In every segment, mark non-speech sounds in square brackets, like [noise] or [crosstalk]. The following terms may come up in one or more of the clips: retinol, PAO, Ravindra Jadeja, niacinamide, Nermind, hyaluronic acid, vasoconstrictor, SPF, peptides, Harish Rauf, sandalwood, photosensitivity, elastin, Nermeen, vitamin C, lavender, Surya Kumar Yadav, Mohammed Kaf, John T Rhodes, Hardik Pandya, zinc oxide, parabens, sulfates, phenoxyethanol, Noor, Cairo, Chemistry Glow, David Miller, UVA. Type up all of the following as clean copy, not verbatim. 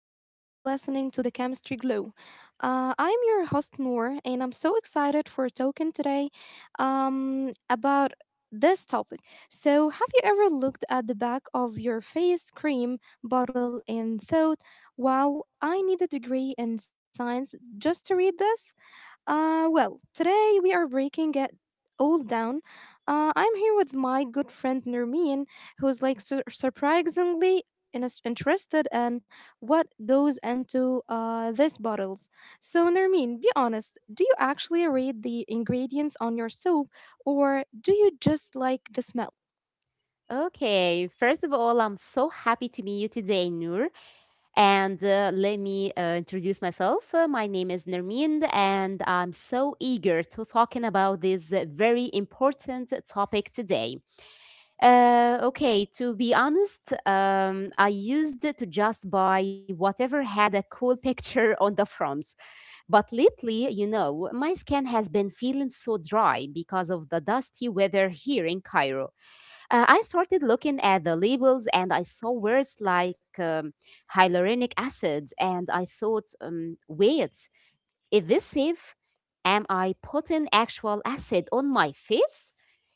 You are listening to the Chemistry Glow. I'm your host, Noor, and I'm so excited for talking today about this topic. So, have you ever looked at the back of your face cream bottle and thought, wow, I need a degree in science just to read this? Well, today we are breaking it all down. I'm here with my good friend Nermeen, who's surprisingly interested in what goes into these bottles. So, Nermeen, be honest, do you actually read the ingredients on your soap or do you just like the smell? Okay, first of all, I'm so happy to meet you today, Noor. And Let me introduce myself. My name is Nermind, and I'm so eager to talking about this very important topic today. Okay, to be honest, I used to just buy whatever had a cool [laughs] picture on the front. But lately, my skin has been feeling so dry because of the dusty weather here in Cairo. I started looking at the labels and I saw words like hyaluronic acid, and I thought, wait, is this safe? Am I putting actual acid on my face?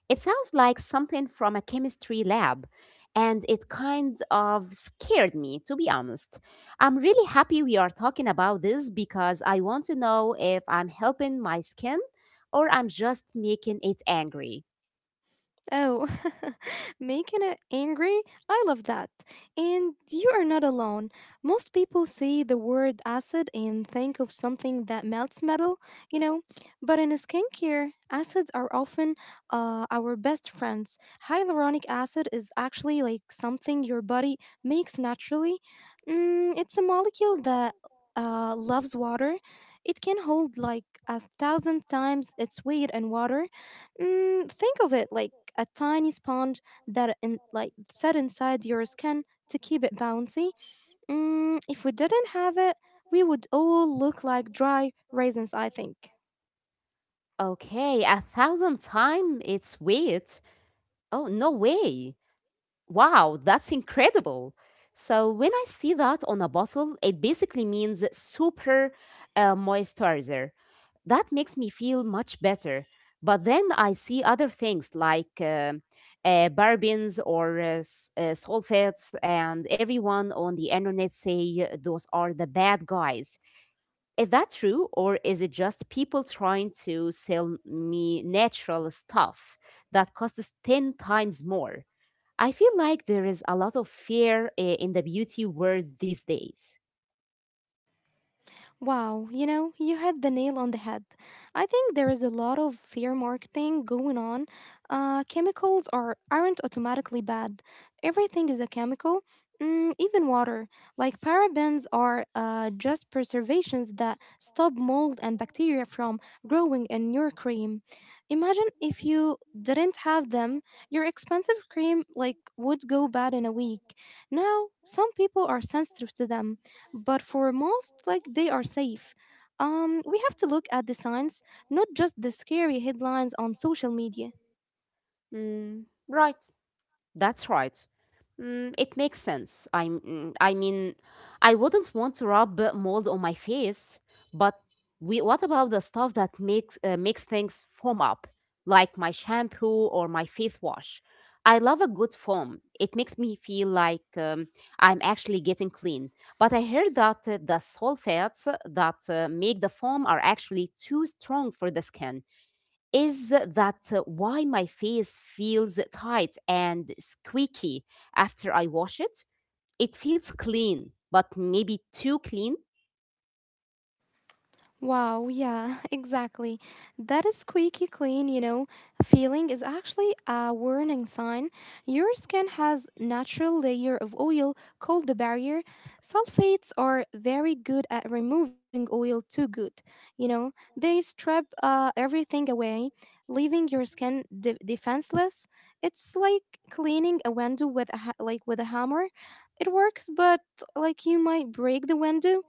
It sounds like something from a chemistry lab, and it kind of scared me, to be honest. I'm really happy we are talking about this because I want to know if I'm helping my skin or I'm just making it angry. Oh, [laughs] making it angry? I love that. And you are not alone. Most people say the word acid and think of something that melts metal, you know. But in skincare, acids are often our best friends. Hyaluronic acid is actually like something your body makes naturally. Mm, it's a molecule that loves water. It can hold like a thousand times its weight in water. Mm, think of it like a tiny sponge that like set inside your skin to keep it bouncy. Mm, if we didn't have it, we would all look like dry raisins, I think. Okay, a thousand times its weight. Oh, no way. Wow, that's incredible. So, when I see that on a bottle, it basically means super moisturizer. That makes me feel much better. But then I see other things like parabens or sulfates, and everyone on the internet say those are the bad guys. Is that true, or is it just people trying to sell me natural stuff that costs 10 times more? I feel like there is a lot of fear in the beauty world these days. Wow, you know, you hit the nail on the head. I think there is a lot of fear marketing going on. Chemicals aren't automatically bad. Everything is a chemical, mm, even water. Like parabens are just preservations that stop mold and bacteria from growing in your cream. Imagine if you didn't have them, your expensive cream like would go bad in a week. Now, some people are sensitive to them, but for most like they are safe. We have to look at the signs, not just the scary headlines on social media. Mm, right. That's right. Mm, it makes sense. I mean, I wouldn't want to rub mold on my face, but we, what about the stuff that makes makes things foam up, like my shampoo or my face wash? I love a good foam. It makes me feel like I'm actually getting clean. But I heard that the sulfates that make the foam are actually too strong for the skin. Is that why my face feels tight and squeaky after I wash it? It feels clean, but maybe too clean. Wow, yeah, [laughs] exactly. That squeaky clean, you know, feeling is actually a warning sign. Your skin has natural layer of oil called the barrier. Sulfates are very good at removing oil, too good. You know, they strip everything away, leaving your skin defenseless. It's like cleaning a window with like with a hammer. It works, but like you might break the window.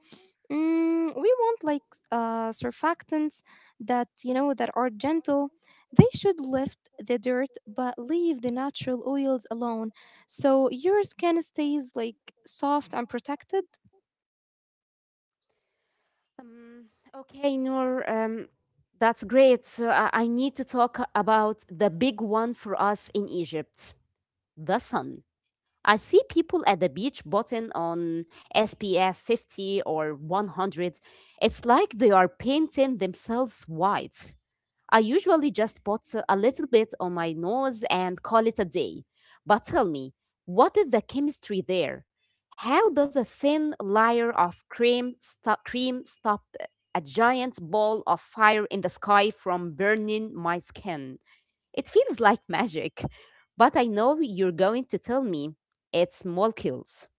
Mm, we want like surfactants that, you know, that are gentle. They should lift the dirt but leave the natural oils alone, so your skin stays like soft and protected. Um, okay, Noor, that's great. So I need to talk about the big one for us in Egypt, the sun. I see people at the beach button on SPF 50 or 100. It's like they are painting themselves white. I usually just put a little bit on my nose and call it a day. But tell me, what is the chemistry there? How does a thin layer of cream stop a giant ball of fire in the sky from burning my skin? It feels like magic. But I know you're going to tell me it's molecules.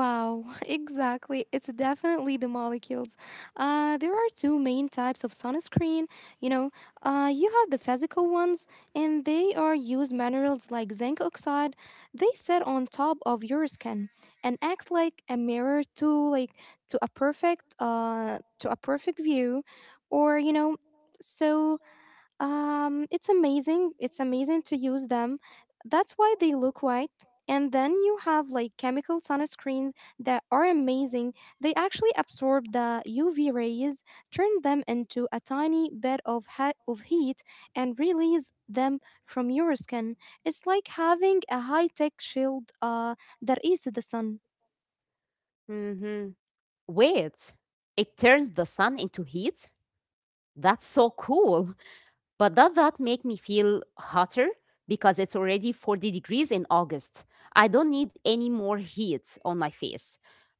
Wow, [laughs] exactly. It's definitely the molecules. There are two main types of sunscreen. You know, you have the physical ones, and they are used minerals like zinc oxide. They sit on top of your skin and act like a mirror to to a perfect view, or you know, so it's amazing, to use them. That's why they look white. And then you have like chemical sunscreens that are amazing. They actually absorb the uv rays, turn them into a tiny bit of of heat, and release them from your skin. It's like having a high tech shield that is the sun. Hmm. Wait, it turns the sun into heat? That's so cool. But does that make me feel hotter? Because it's already 40 degrees in August. I don't need any more heat on my face.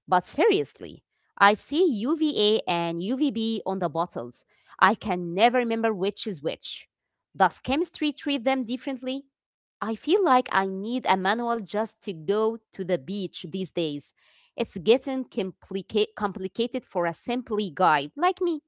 But seriously, I see UVA and UVB on the bottles. I can never remember which is which. Does chemistry treat them differently? I feel like I need a manual just to go to the beach these days. It's getting complicated for a simply guy like me.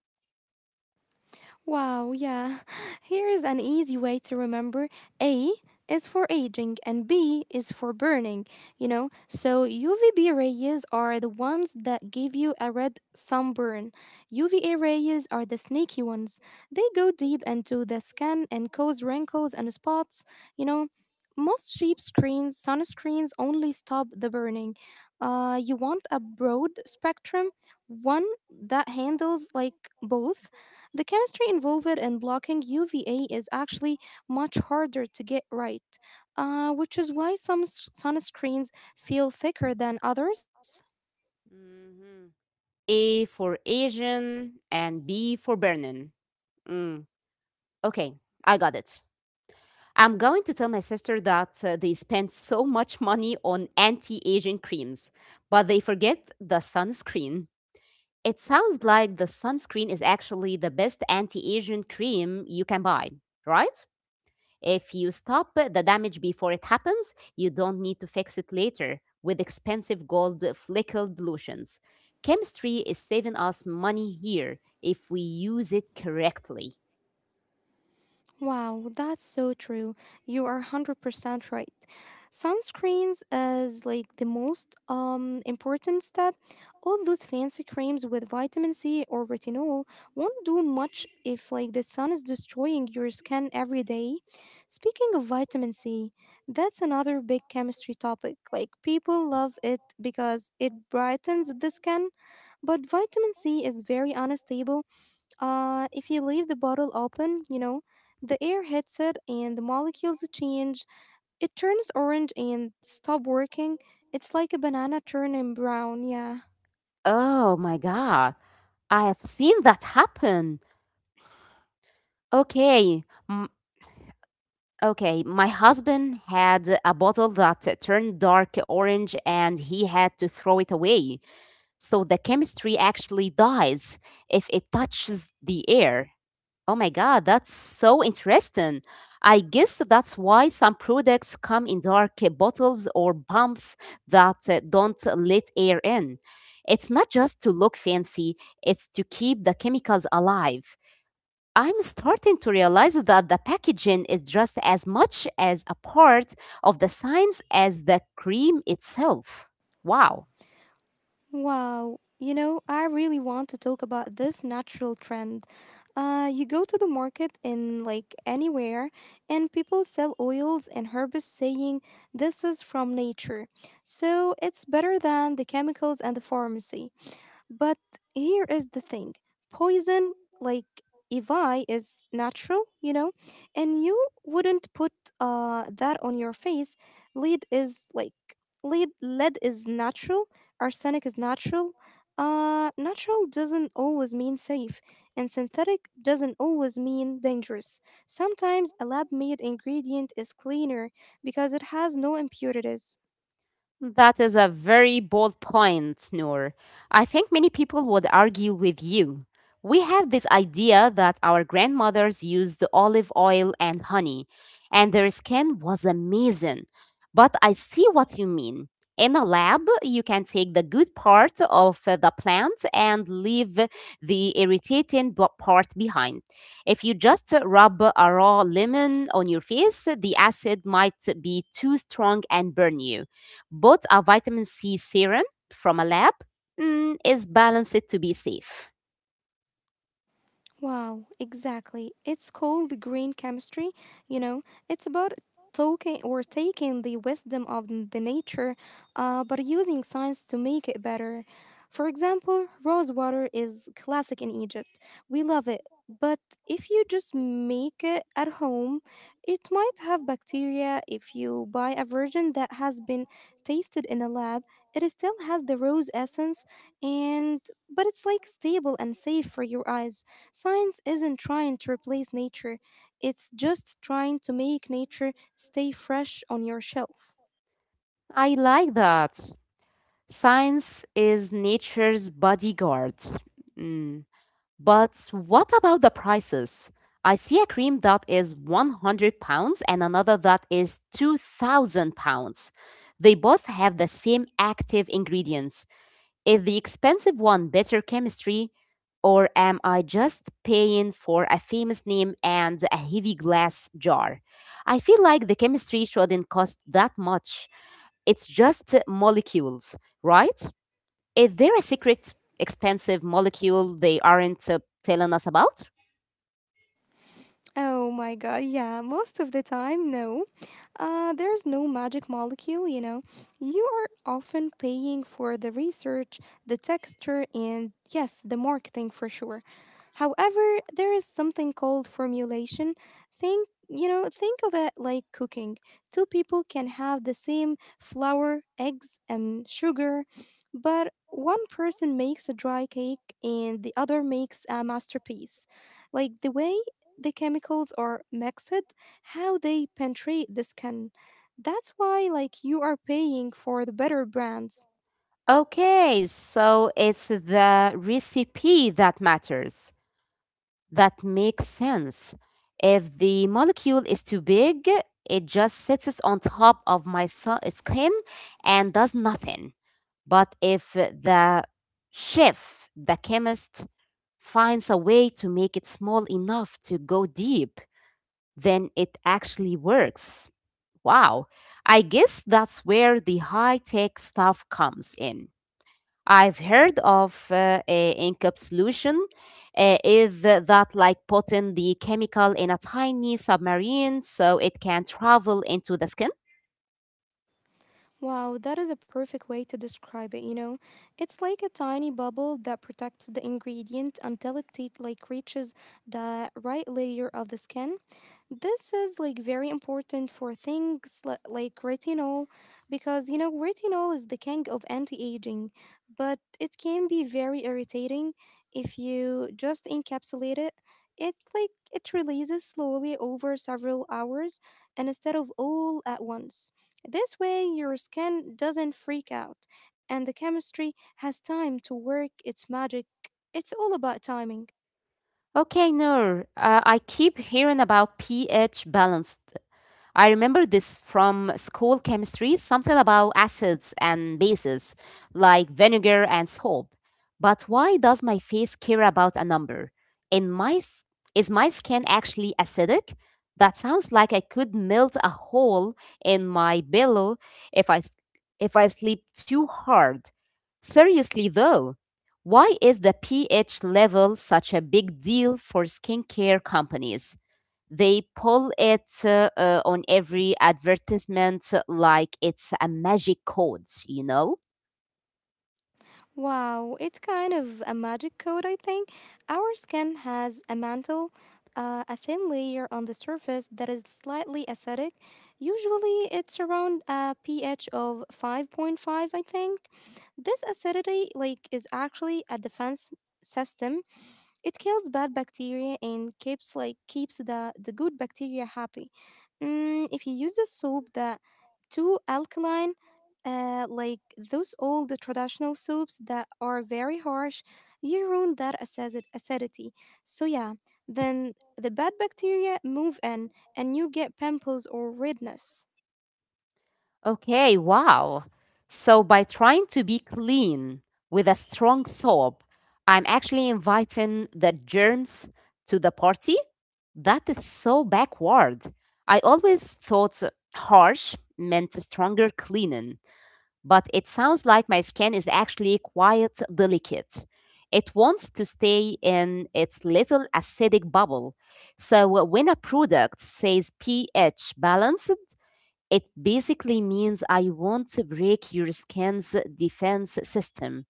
Wow, yeah. [laughs] Here is an easy way to remember. A is for aging and B is for burning, you know? So UVB rays are the ones that give you a red sunburn. UVA rays are the sneaky ones. They go deep into the skin and cause wrinkles and spots, you know? Sunscreens only stop the burning. You want a broad spectrum one that handles like both. The chemistry involved in blocking UVA is actually much harder to get right, which is why some sunscreens feel thicker than others. Mhm. A for Asian and B for Bernin. Mm, okay, I got it. I'm going to tell my sister that they spend so much money on anti Asian creams, but they forget the sunscreen. It sounds like the sunscreen is actually the best anti Asian cream you can buy, right? If you stop the damage before it happens, you don't need to fix it later with expensive gold flickle dilutions. Chemistry is saving us money here if we use it correctly. Wow, that's so true. You are 100% right. Sunscreens is like the most important step. All those fancy creams with vitamin C or retinol won't do much if like the sun is destroying your skin every day. Speaking of vitamin C, that's another big chemistry topic. Like people love it because it brightens the skin, but vitamin C is very unstable. If you leave the bottle open, you know, the air hits it and the molecules change. It turns orange and stop working. It's like a banana turning brown, yeah. Oh my god. I have seen that happen. Okay, m- okay. My husband had a bottle that turned dark orange and he had to throw it away. So the chemistry actually dies if it touches the air. Oh my God, that's so interesting. I guess that's why some products come in dark bottles or pumps that don't let air in. It's not just to look fancy, it's to keep the chemicals alive. I'm starting to realize that the packaging is just as much as a part of the science as the cream itself. Wow. Wow. You know, I really want to talk about this natural trend. You go to the market in like anywhere, and people sell oils and herbs saying this is from nature. So it's better than the chemicals and the pharmacy. But here is the thing, poison, like Evi, is natural, you know, and you wouldn't put that on your face. Lead is lead is natural, arsenic is natural. Natural doesn't always mean safe, and synthetic doesn't always mean dangerous. Sometimes a lab made ingredient is cleaner because it has no impurities. That is a very bold point, Noor. I think many people would argue with you. We have this idea that our grandmothers used olive oil and honey, and their skin was amazing. But I see what you mean. In a lab, you can take the good part of the plant and leave the irritating part behind. If you just rub a raw lemon on your face, the acid might be too strong and burn you. Both are vitamin C serum from a lab. Mm, is balanced to be safe. Wow, exactly. It's called green chemistry, you know. It's about talking or taking the wisdom of the nature, but using science to make it better. For example, rose water is classic in Egypt. We love it. But if you just make it at home, it might have bacteria. If you buy a version that has been tasted in a lab, it still has the rose essence and but it's like stable and safe for your eyes. Science isn't trying to replace nature, it's just trying to make nature stay fresh on your shelf. I like that. Science is nature's bodyguard. Mm, but what about the prices? I see a cream that is 100 pounds and another that is 2000 pounds. They both have the same active ingredients. Is the expensive one better chemistry, or am I just paying for a famous name and a heavy glass jar? I feel like the chemistry shouldn't cost that much. It's just molecules, right? Is there a secret, expensive molecule they aren't telling us about? Oh my god, yeah, most of the time, no. There's no magic molecule, you know. You are often paying for the research, the texture, and yes, the marketing for sure. However, there is something called formulation. Think, you know, think of it like cooking. Two people can have the same flour, eggs, and sugar, but one person makes a dry cake and the other makes a masterpiece. Like the way the chemicals are mixed, how they penetrate the skin. That's why like you are paying for the better brands. Okay, so it's the recipe that matters. That makes sense. If the molecule is too big, it just sits on top of my skin and does nothing. But if the chef, the chemist, finds a way to make it small enough to go deep, then it actually works. Wow. I guess that's where the high tech stuff comes in. I've heard of a encapsulation. Is that like putting the chemical in a tiny submarine so it can travel into the skin? Wow, that is a perfect way to describe it, you know. It's like a tiny bubble that protects the ingredient until like reaches the right layer of the skin. This is like very important for things like retinol, because you know retinol is the king of anti-aging, but it can be very irritating. If you just encapsulate it, it releases slowly over several hours and instead of all at once. This way, your skin doesn't freak out and the chemistry has time to work its magic. It's all about timing. Okay, Noor, I keep hearing about pH balanced. I remember this from school chemistry, something about acids and bases, like vinegar and soap. But why does my face care about a number? In my, s- is my skin actually acidic? That sounds like I could melt a hole in my pillow if I, s- if I sleep too hard. Seriously, though, why is the pH level such a big deal for skincare companies? They pull it on every advertisement like it's a magic code, you know? Wow, it's kind of a magic code, I think. Our skin has a mantle, a thin layer on the surface that is slightly acidic. Usually, it's around a pH of 5.5, I think. This acidity, like, is actually a defense system. It kills bad bacteria and keeps the good bacteria happy. Mm, if you use a soap that too alkaline, like those old traditional soaps that are very harsh, you ruin that acidity. So yeah, then the bad bacteria move in and you get pimples or redness. Okay, wow. So by trying to be clean with a strong soap, I'm actually inviting the germs to the party? That is so backward. I always thought harsh meant stronger cleaning, but it sounds like my skin is actually quite delicate. It wants to stay in its little acidic bubble. So when a product says pH balanced, it basically means I want to break your skin's defense system.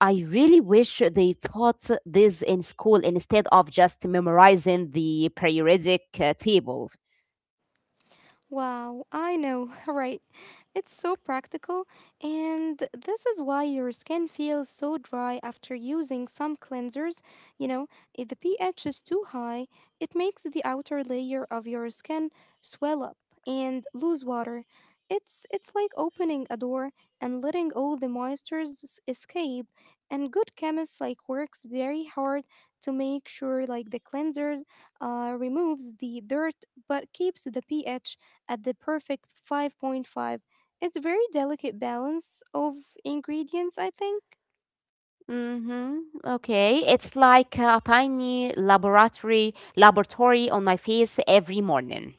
I really wish they taught this in school instead of just memorizing the periodic table. Wow, I know, [laughs] right? It's so practical, and this is why your skin feels so dry after using some cleansers. You know, if the pH is too high, it makes the outer layer of your skin swell up and lose water. It's like opening a door and letting all the moistures escape. And good chemists like works very hard to make sure like the cleansers removes the dirt but keeps the pH at the perfect 5.5. It's very delicate balance of ingredients, I think. Mhm. Okay, it's like a tiny laboratory on my face every morning.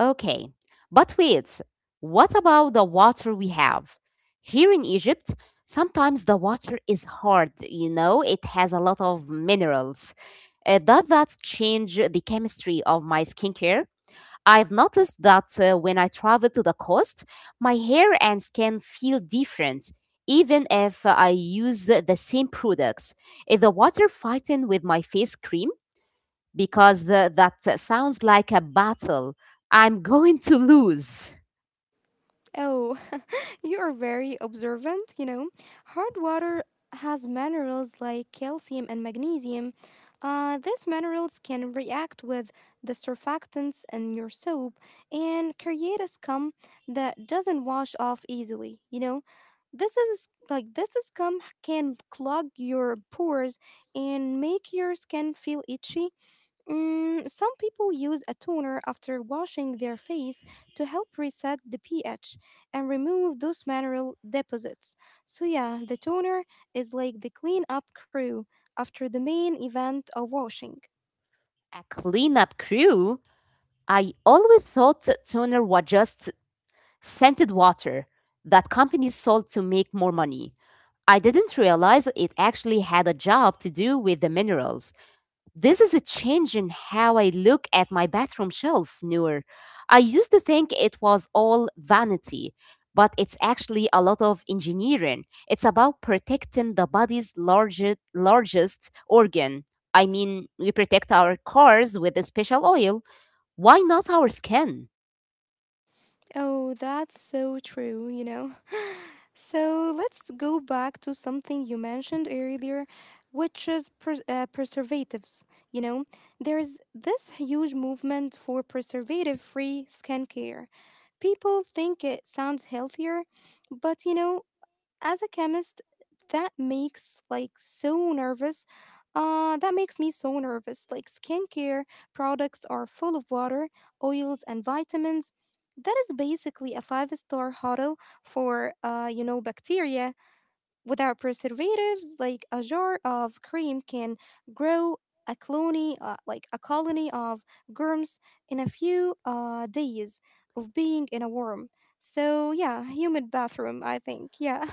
Okay. But wait, what about the water we have? Here in Egypt, sometimes the water is hard, you know, it has a lot of minerals. Does that change the chemistry of my skincare? I've noticed that when I travel to the coast, my hair and skin feel different, even if I use the same products. Is the water fighting with my face cream? Because that sounds like a battle I'm going to lose. Oh, [laughs] you are very observant, you know. Hard water has minerals like calcium and magnesium. These minerals can react with the surfactants in your soap and create a scum that doesn't wash off easily, you know. This is like this scum can clog your pores and make your skin feel itchy. Mm, some people use a toner after washing their face to help reset the pH and remove those mineral deposits. So, yeah, the toner is like the cleanup crew after the main event of washing. A cleanup crew? I always thought toner was just scented water that companies sold to make more money. I didn't realize it actually had a job to do with the minerals. This is a change in how I look at my bathroom shelf, Noor. I used to think it was all vanity, but it's actually a lot of engineering. It's about protecting the body's largest organ. I mean, we protect our cars with a special oil. Why not our skin? Oh, that's so true, you know. [laughs] [sighs] So let's go back to something you mentioned earlier, which is preservatives. You know, there is this huge movement for preservative-free skincare. People think it sounds healthier, but you know, as a chemist that makes like so nervous that makes me so nervous. Like skincare products are full of water, oils and vitamins. That is basically a five-star hotel for, you know, bacteria. Without preservatives like a jar of cream can grow a colony, like a colony of germs in a few days of being in a worm so yeah humid bathroom, I think, yeah.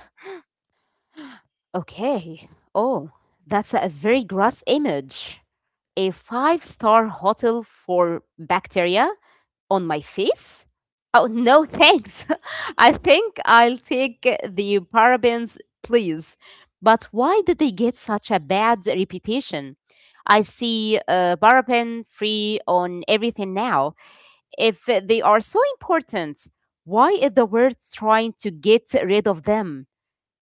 Okay. Oh, that's a very gross image. A five-star hotel for bacteria? On my face? Oh, no, thanks. [laughs] I think I'll take the parabens, please. But why did they get such a bad reputation? I see paraben free on everything now. If they are so important, why is the world trying to get rid of them?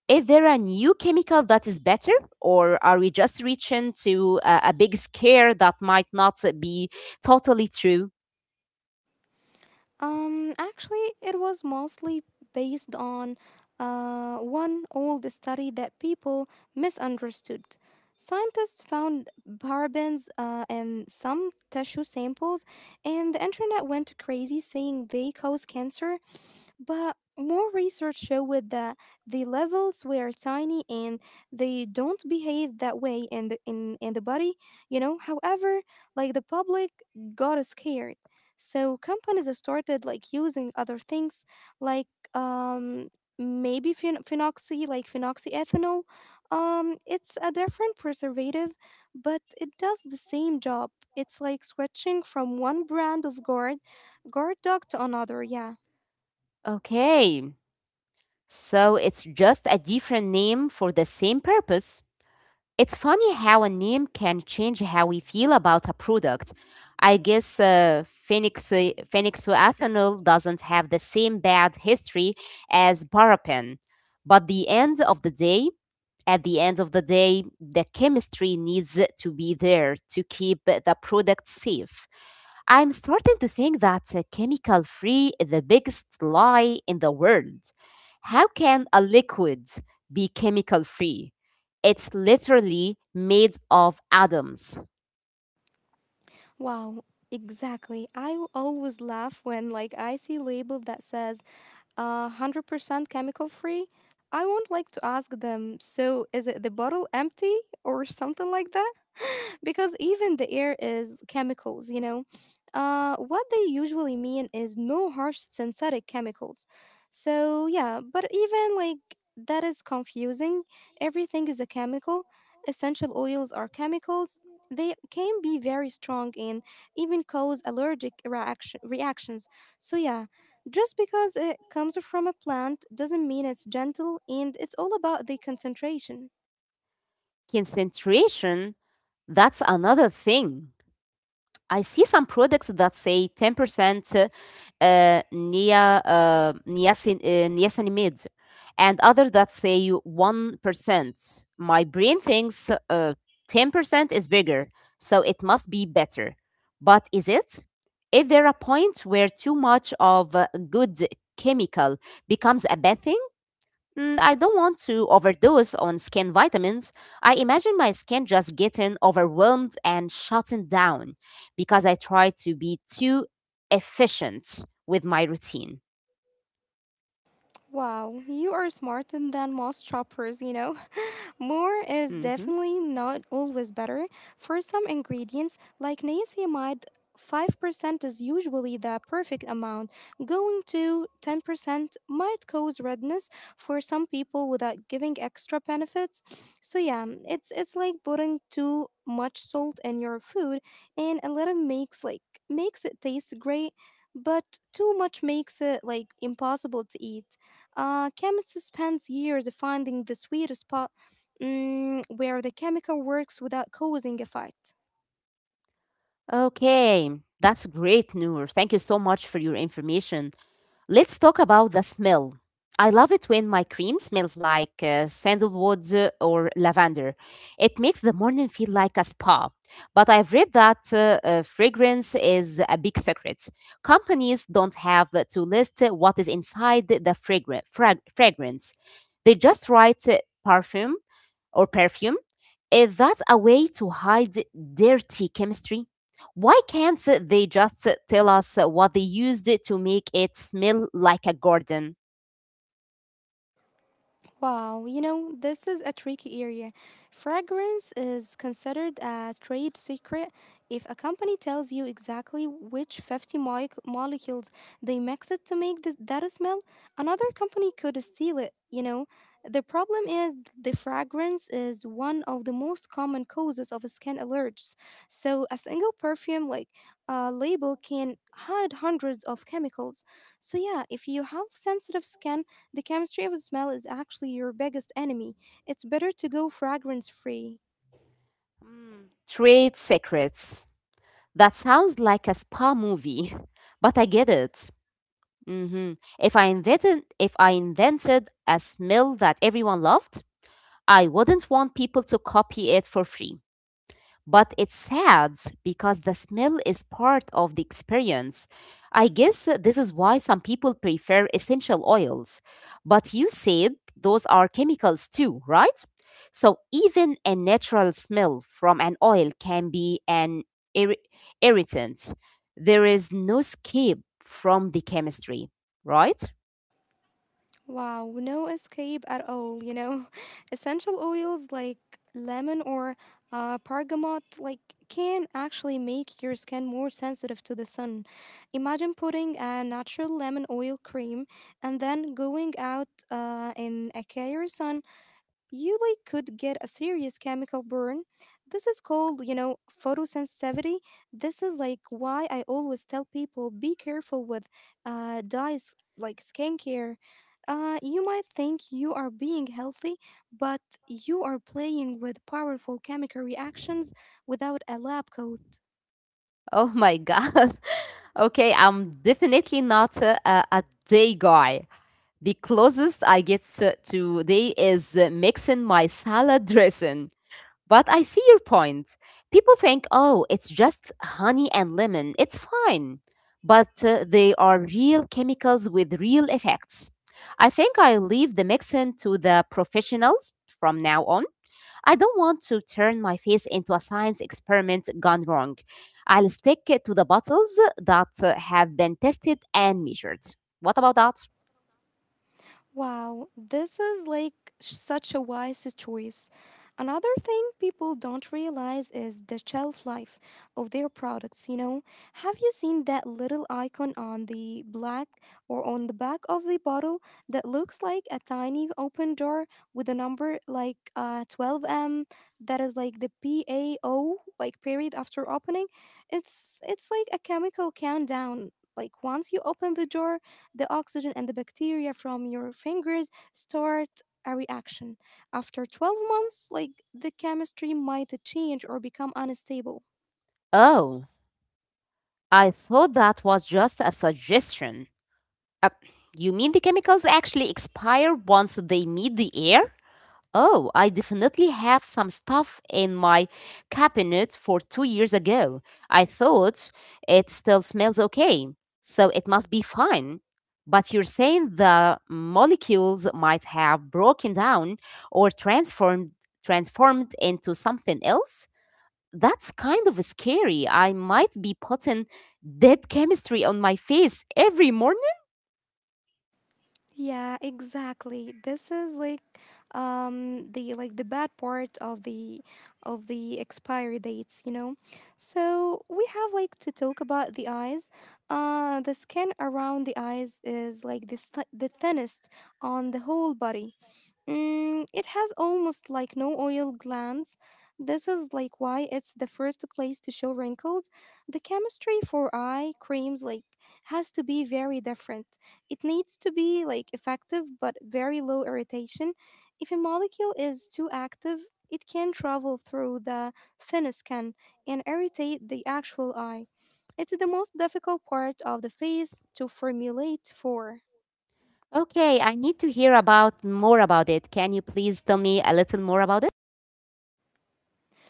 Is there a new chemical that is better, or are we just reaching to a big scare that might not be totally true? Actually, it was mostly based on one old study that people misunderstood. Scientists found parabens in some tissue samples, and the internet went crazy saying they cause cancer. But more research showed that the levels were tiny and they don't behave that way in the body. However, like the public got scared. So companies started like using other things like um maybe phenoxyethanol. It's a different preservative, but it does the same job. It's like switching from one brand of guard dog to another, yeah. Okay. So it's just a different name for the same purpose. It's funny how a name can change how we feel about a product. I guess Phoenixoathanol doesn't have the same bad history as paraben, but the end of the day, at the end of the day, the chemistry needs to be there to keep the product safe. I'm starting to think that chemical free is the biggest lie in the world. How can a liquid be chemical free? It's literally made of atoms. Wow, exactly. I always laugh when like I see label that says 100% chemical free. I won't like to ask them, so is it the bottle empty or something like that? [laughs] Because even the air is chemicals. What they usually mean is no harsh synthetic chemicals. So, yeah, but even like that is confusing. Everything is a chemical. Essential oils are chemicals. They can be very strong and even cause allergic reactions. So, yeah, just because it comes from a plant doesn't mean it's gentle, and it's all about the concentration. Concentration, that's another thing. I see some products that say 10% niacinamide, and others that say 1%. My brain thinks 10% is bigger, so it must be better. But is it? Is there a point where too much of a good chemical becomes a bad thing? Mm, I don't want to overdose on skin vitamins. I imagine my skin just getting overwhelmed and shutting down because I try to be too efficient with my routine. Wow, you are smarter than most shoppers. [laughs] More is Mhm. definitely not always better. For some ingredients, like niacinamide, 5% is usually the perfect amount. Going to 10% might cause redness for some people without giving extra benefits. So yeah, it's like putting too much salt in your food, and a little makes it taste great, but too much makes it like impossible to eat. Chemists spend years finding the sweet spot, where the chemical works without causing a fight. Okay, that's great, Noor. Thank you so much for your information. Let's talk about the smell. I love it when my cream smells like sandalwood or lavender. It makes the morning feel like a spa. But I've read that fragrance is a big secret. Companies don't have to list what is inside the fragrance, they just write perfume or perfume? Is that a way to hide dirty chemistry? Why can't they just tell us what they used to make it smell like a garden? Wow, this is a tricky area. Fragrance is considered a trade secret. If a company tells you exactly which 50 moic molecules they mix it to make that smell, another company could steal it. The problem is the fragrance is one of the most common causes of skin allergies. So a single perfume like a label can hide hundreds of chemicals. So yeah, if you have sensitive skin, the chemistry of smell is actually your biggest enemy. It's better to go fragrance free. Hmm, trade secrets. That sounds like a spa movie, [laughs] but I get it. Mhm. If I invented a smell that everyone loved, I wouldn't want people to copy it for free. But it's sad because the smell is part of the experience. I guess this is why some people prefer essential oils. But you said those are chemicals too, right? So even a natural smell from an oil can be an irri- irritant. There is no escape from the chemistry, right? Wow, no escape at all. [laughs] Essential oils like lemon or bergamot like can actually make your skin more sensitive to the sun. Imagine putting a natural lemon oil cream and then going out in a clear sun, you like could get a serious chemical burn. This is called photosensitivity. This is like why I always tell people be careful with dyes like skincare. You might think you are being healthy, but you are playing with powerful chemical reactions without a lab coat. Oh my [laughs] God. Okay, I'm definitely not a day guy. The closest I get to they is mixing my salad dressing. But I see your point. People think, oh, it's just honey and lemon. It's fine. But they are real chemicals with real effects. I think I'll leave the mixing to the professionals from now on. I don't want to turn my face into a science experiment gone wrong. I'll stick it to the bottles that have been tested and measured. What about that? Wow, this is like such a wise choice. Another thing people don't realize is the shelf life of their products, you know? Have you seen that little icon on the black or on the back of the bottle that looks like a tiny open door with a number like 12M, that is like the PAO, like period after opening? It's like a chemical countdown. Like once you open the door, the oxygen and the bacteria from your fingers start a reaction. After 12 months, like the chemistry might change or become unstable. Oh, I thought that was just a suggestion. Uh, you mean the chemicals actually expire once they meet the air? Oh, I definitely have some stuff in my cabinet for 2 years ago. I thought it still smells okay, so it must be fine. But you're saying the molecules might have broken down or transformed into something else? That's kind of scary. I might be putting dead chemistry on my face every morning. Yeah, exactly. This is like the bad part of the expiry dates. So we have like to talk about the eyes. The skin around the eyes is like the thinnest on the whole body. It has almost like no oil glands. This is like why it's the first place to show wrinkles. The chemistry for eye creams like has to be very different. It needs to be like effective but very low irritation. If a molecule is too active, it can travel through the thin skin and irritate the actual eye. It's the most difficult part of the face to formulate for. Okay, I need to hear about more about it. Can you please tell me a little more about it?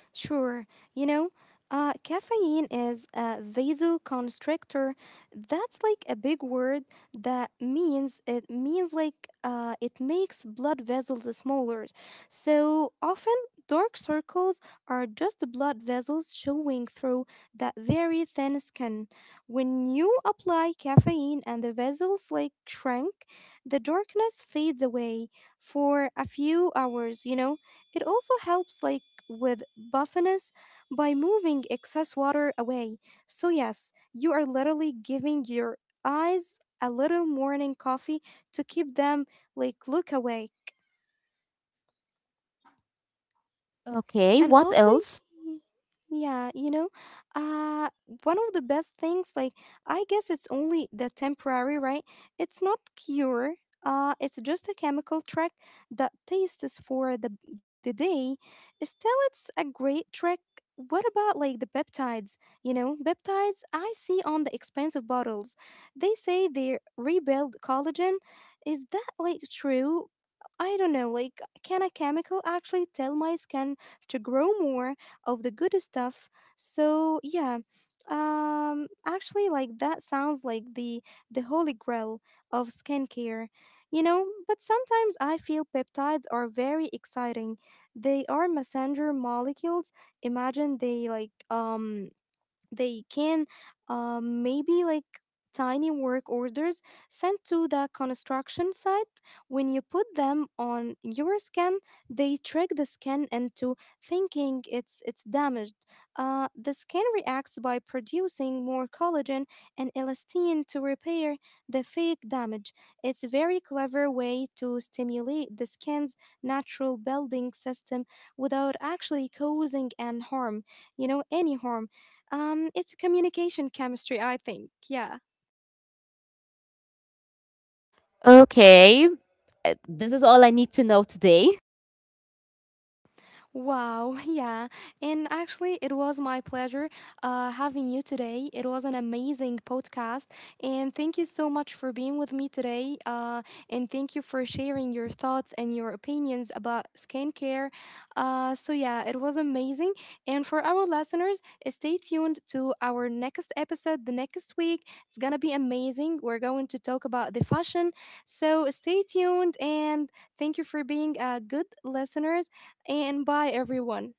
Sure, you know, caffeine is a vasoconstrictor. That's like a big word that means, it means like it makes blood vessels smaller. So often, dark circles are just blood vessels showing through that very thin skin. When you apply caffeine and the vessels like shrink, the darkness fades away for a few hours. It also helps like with buffiness by moving excess water away. So, yes, you are literally giving your eyes a little morning coffee to keep them like look awake. And Okay, what also, else? y- yeah, uh one of the best things, like, I guess it's only the temporary, right? It's not cure. It's just a chemical trick that tastes for the day. Still, it's a great trick. What about like the peptides? You know peptides I see on the expensive bottles, they say they rebuild collagen. Is that like true? I don't know, like, can a chemical actually tell my skin to grow more of the good stuff? So yeah, actually, like that sounds like the holy grail of skincare. But sometimes I feel peptides are very exciting. They are messenger molecules. Imagine they like they can, maybe like, tiny work orders sent to the construction site. When you put them on your skin, they trick the skin into thinking it's damaged. Uh, the skin reacts by producing more collagen and elastin to repair the fake damage. It's a very clever way to stimulate the skin's natural building system without actually causing an harm you know any harm. It's communication chemistry, I think. Yeah. Okay, this is all I need to know today. [laughs] Wow, [laughs] yeah. And actually, it was my pleasure having you today. It was an amazing podcast. And thank you so much for being with me today. And thank you for sharing your thoughts and your opinions about skincare. So, yeah, it was amazing. And for our listeners, stay tuned to our next episode the next week. It's going to be amazing. We're going to talk about the fashion. So, stay tuned, and thank you for being a good listener, and bye, everyone.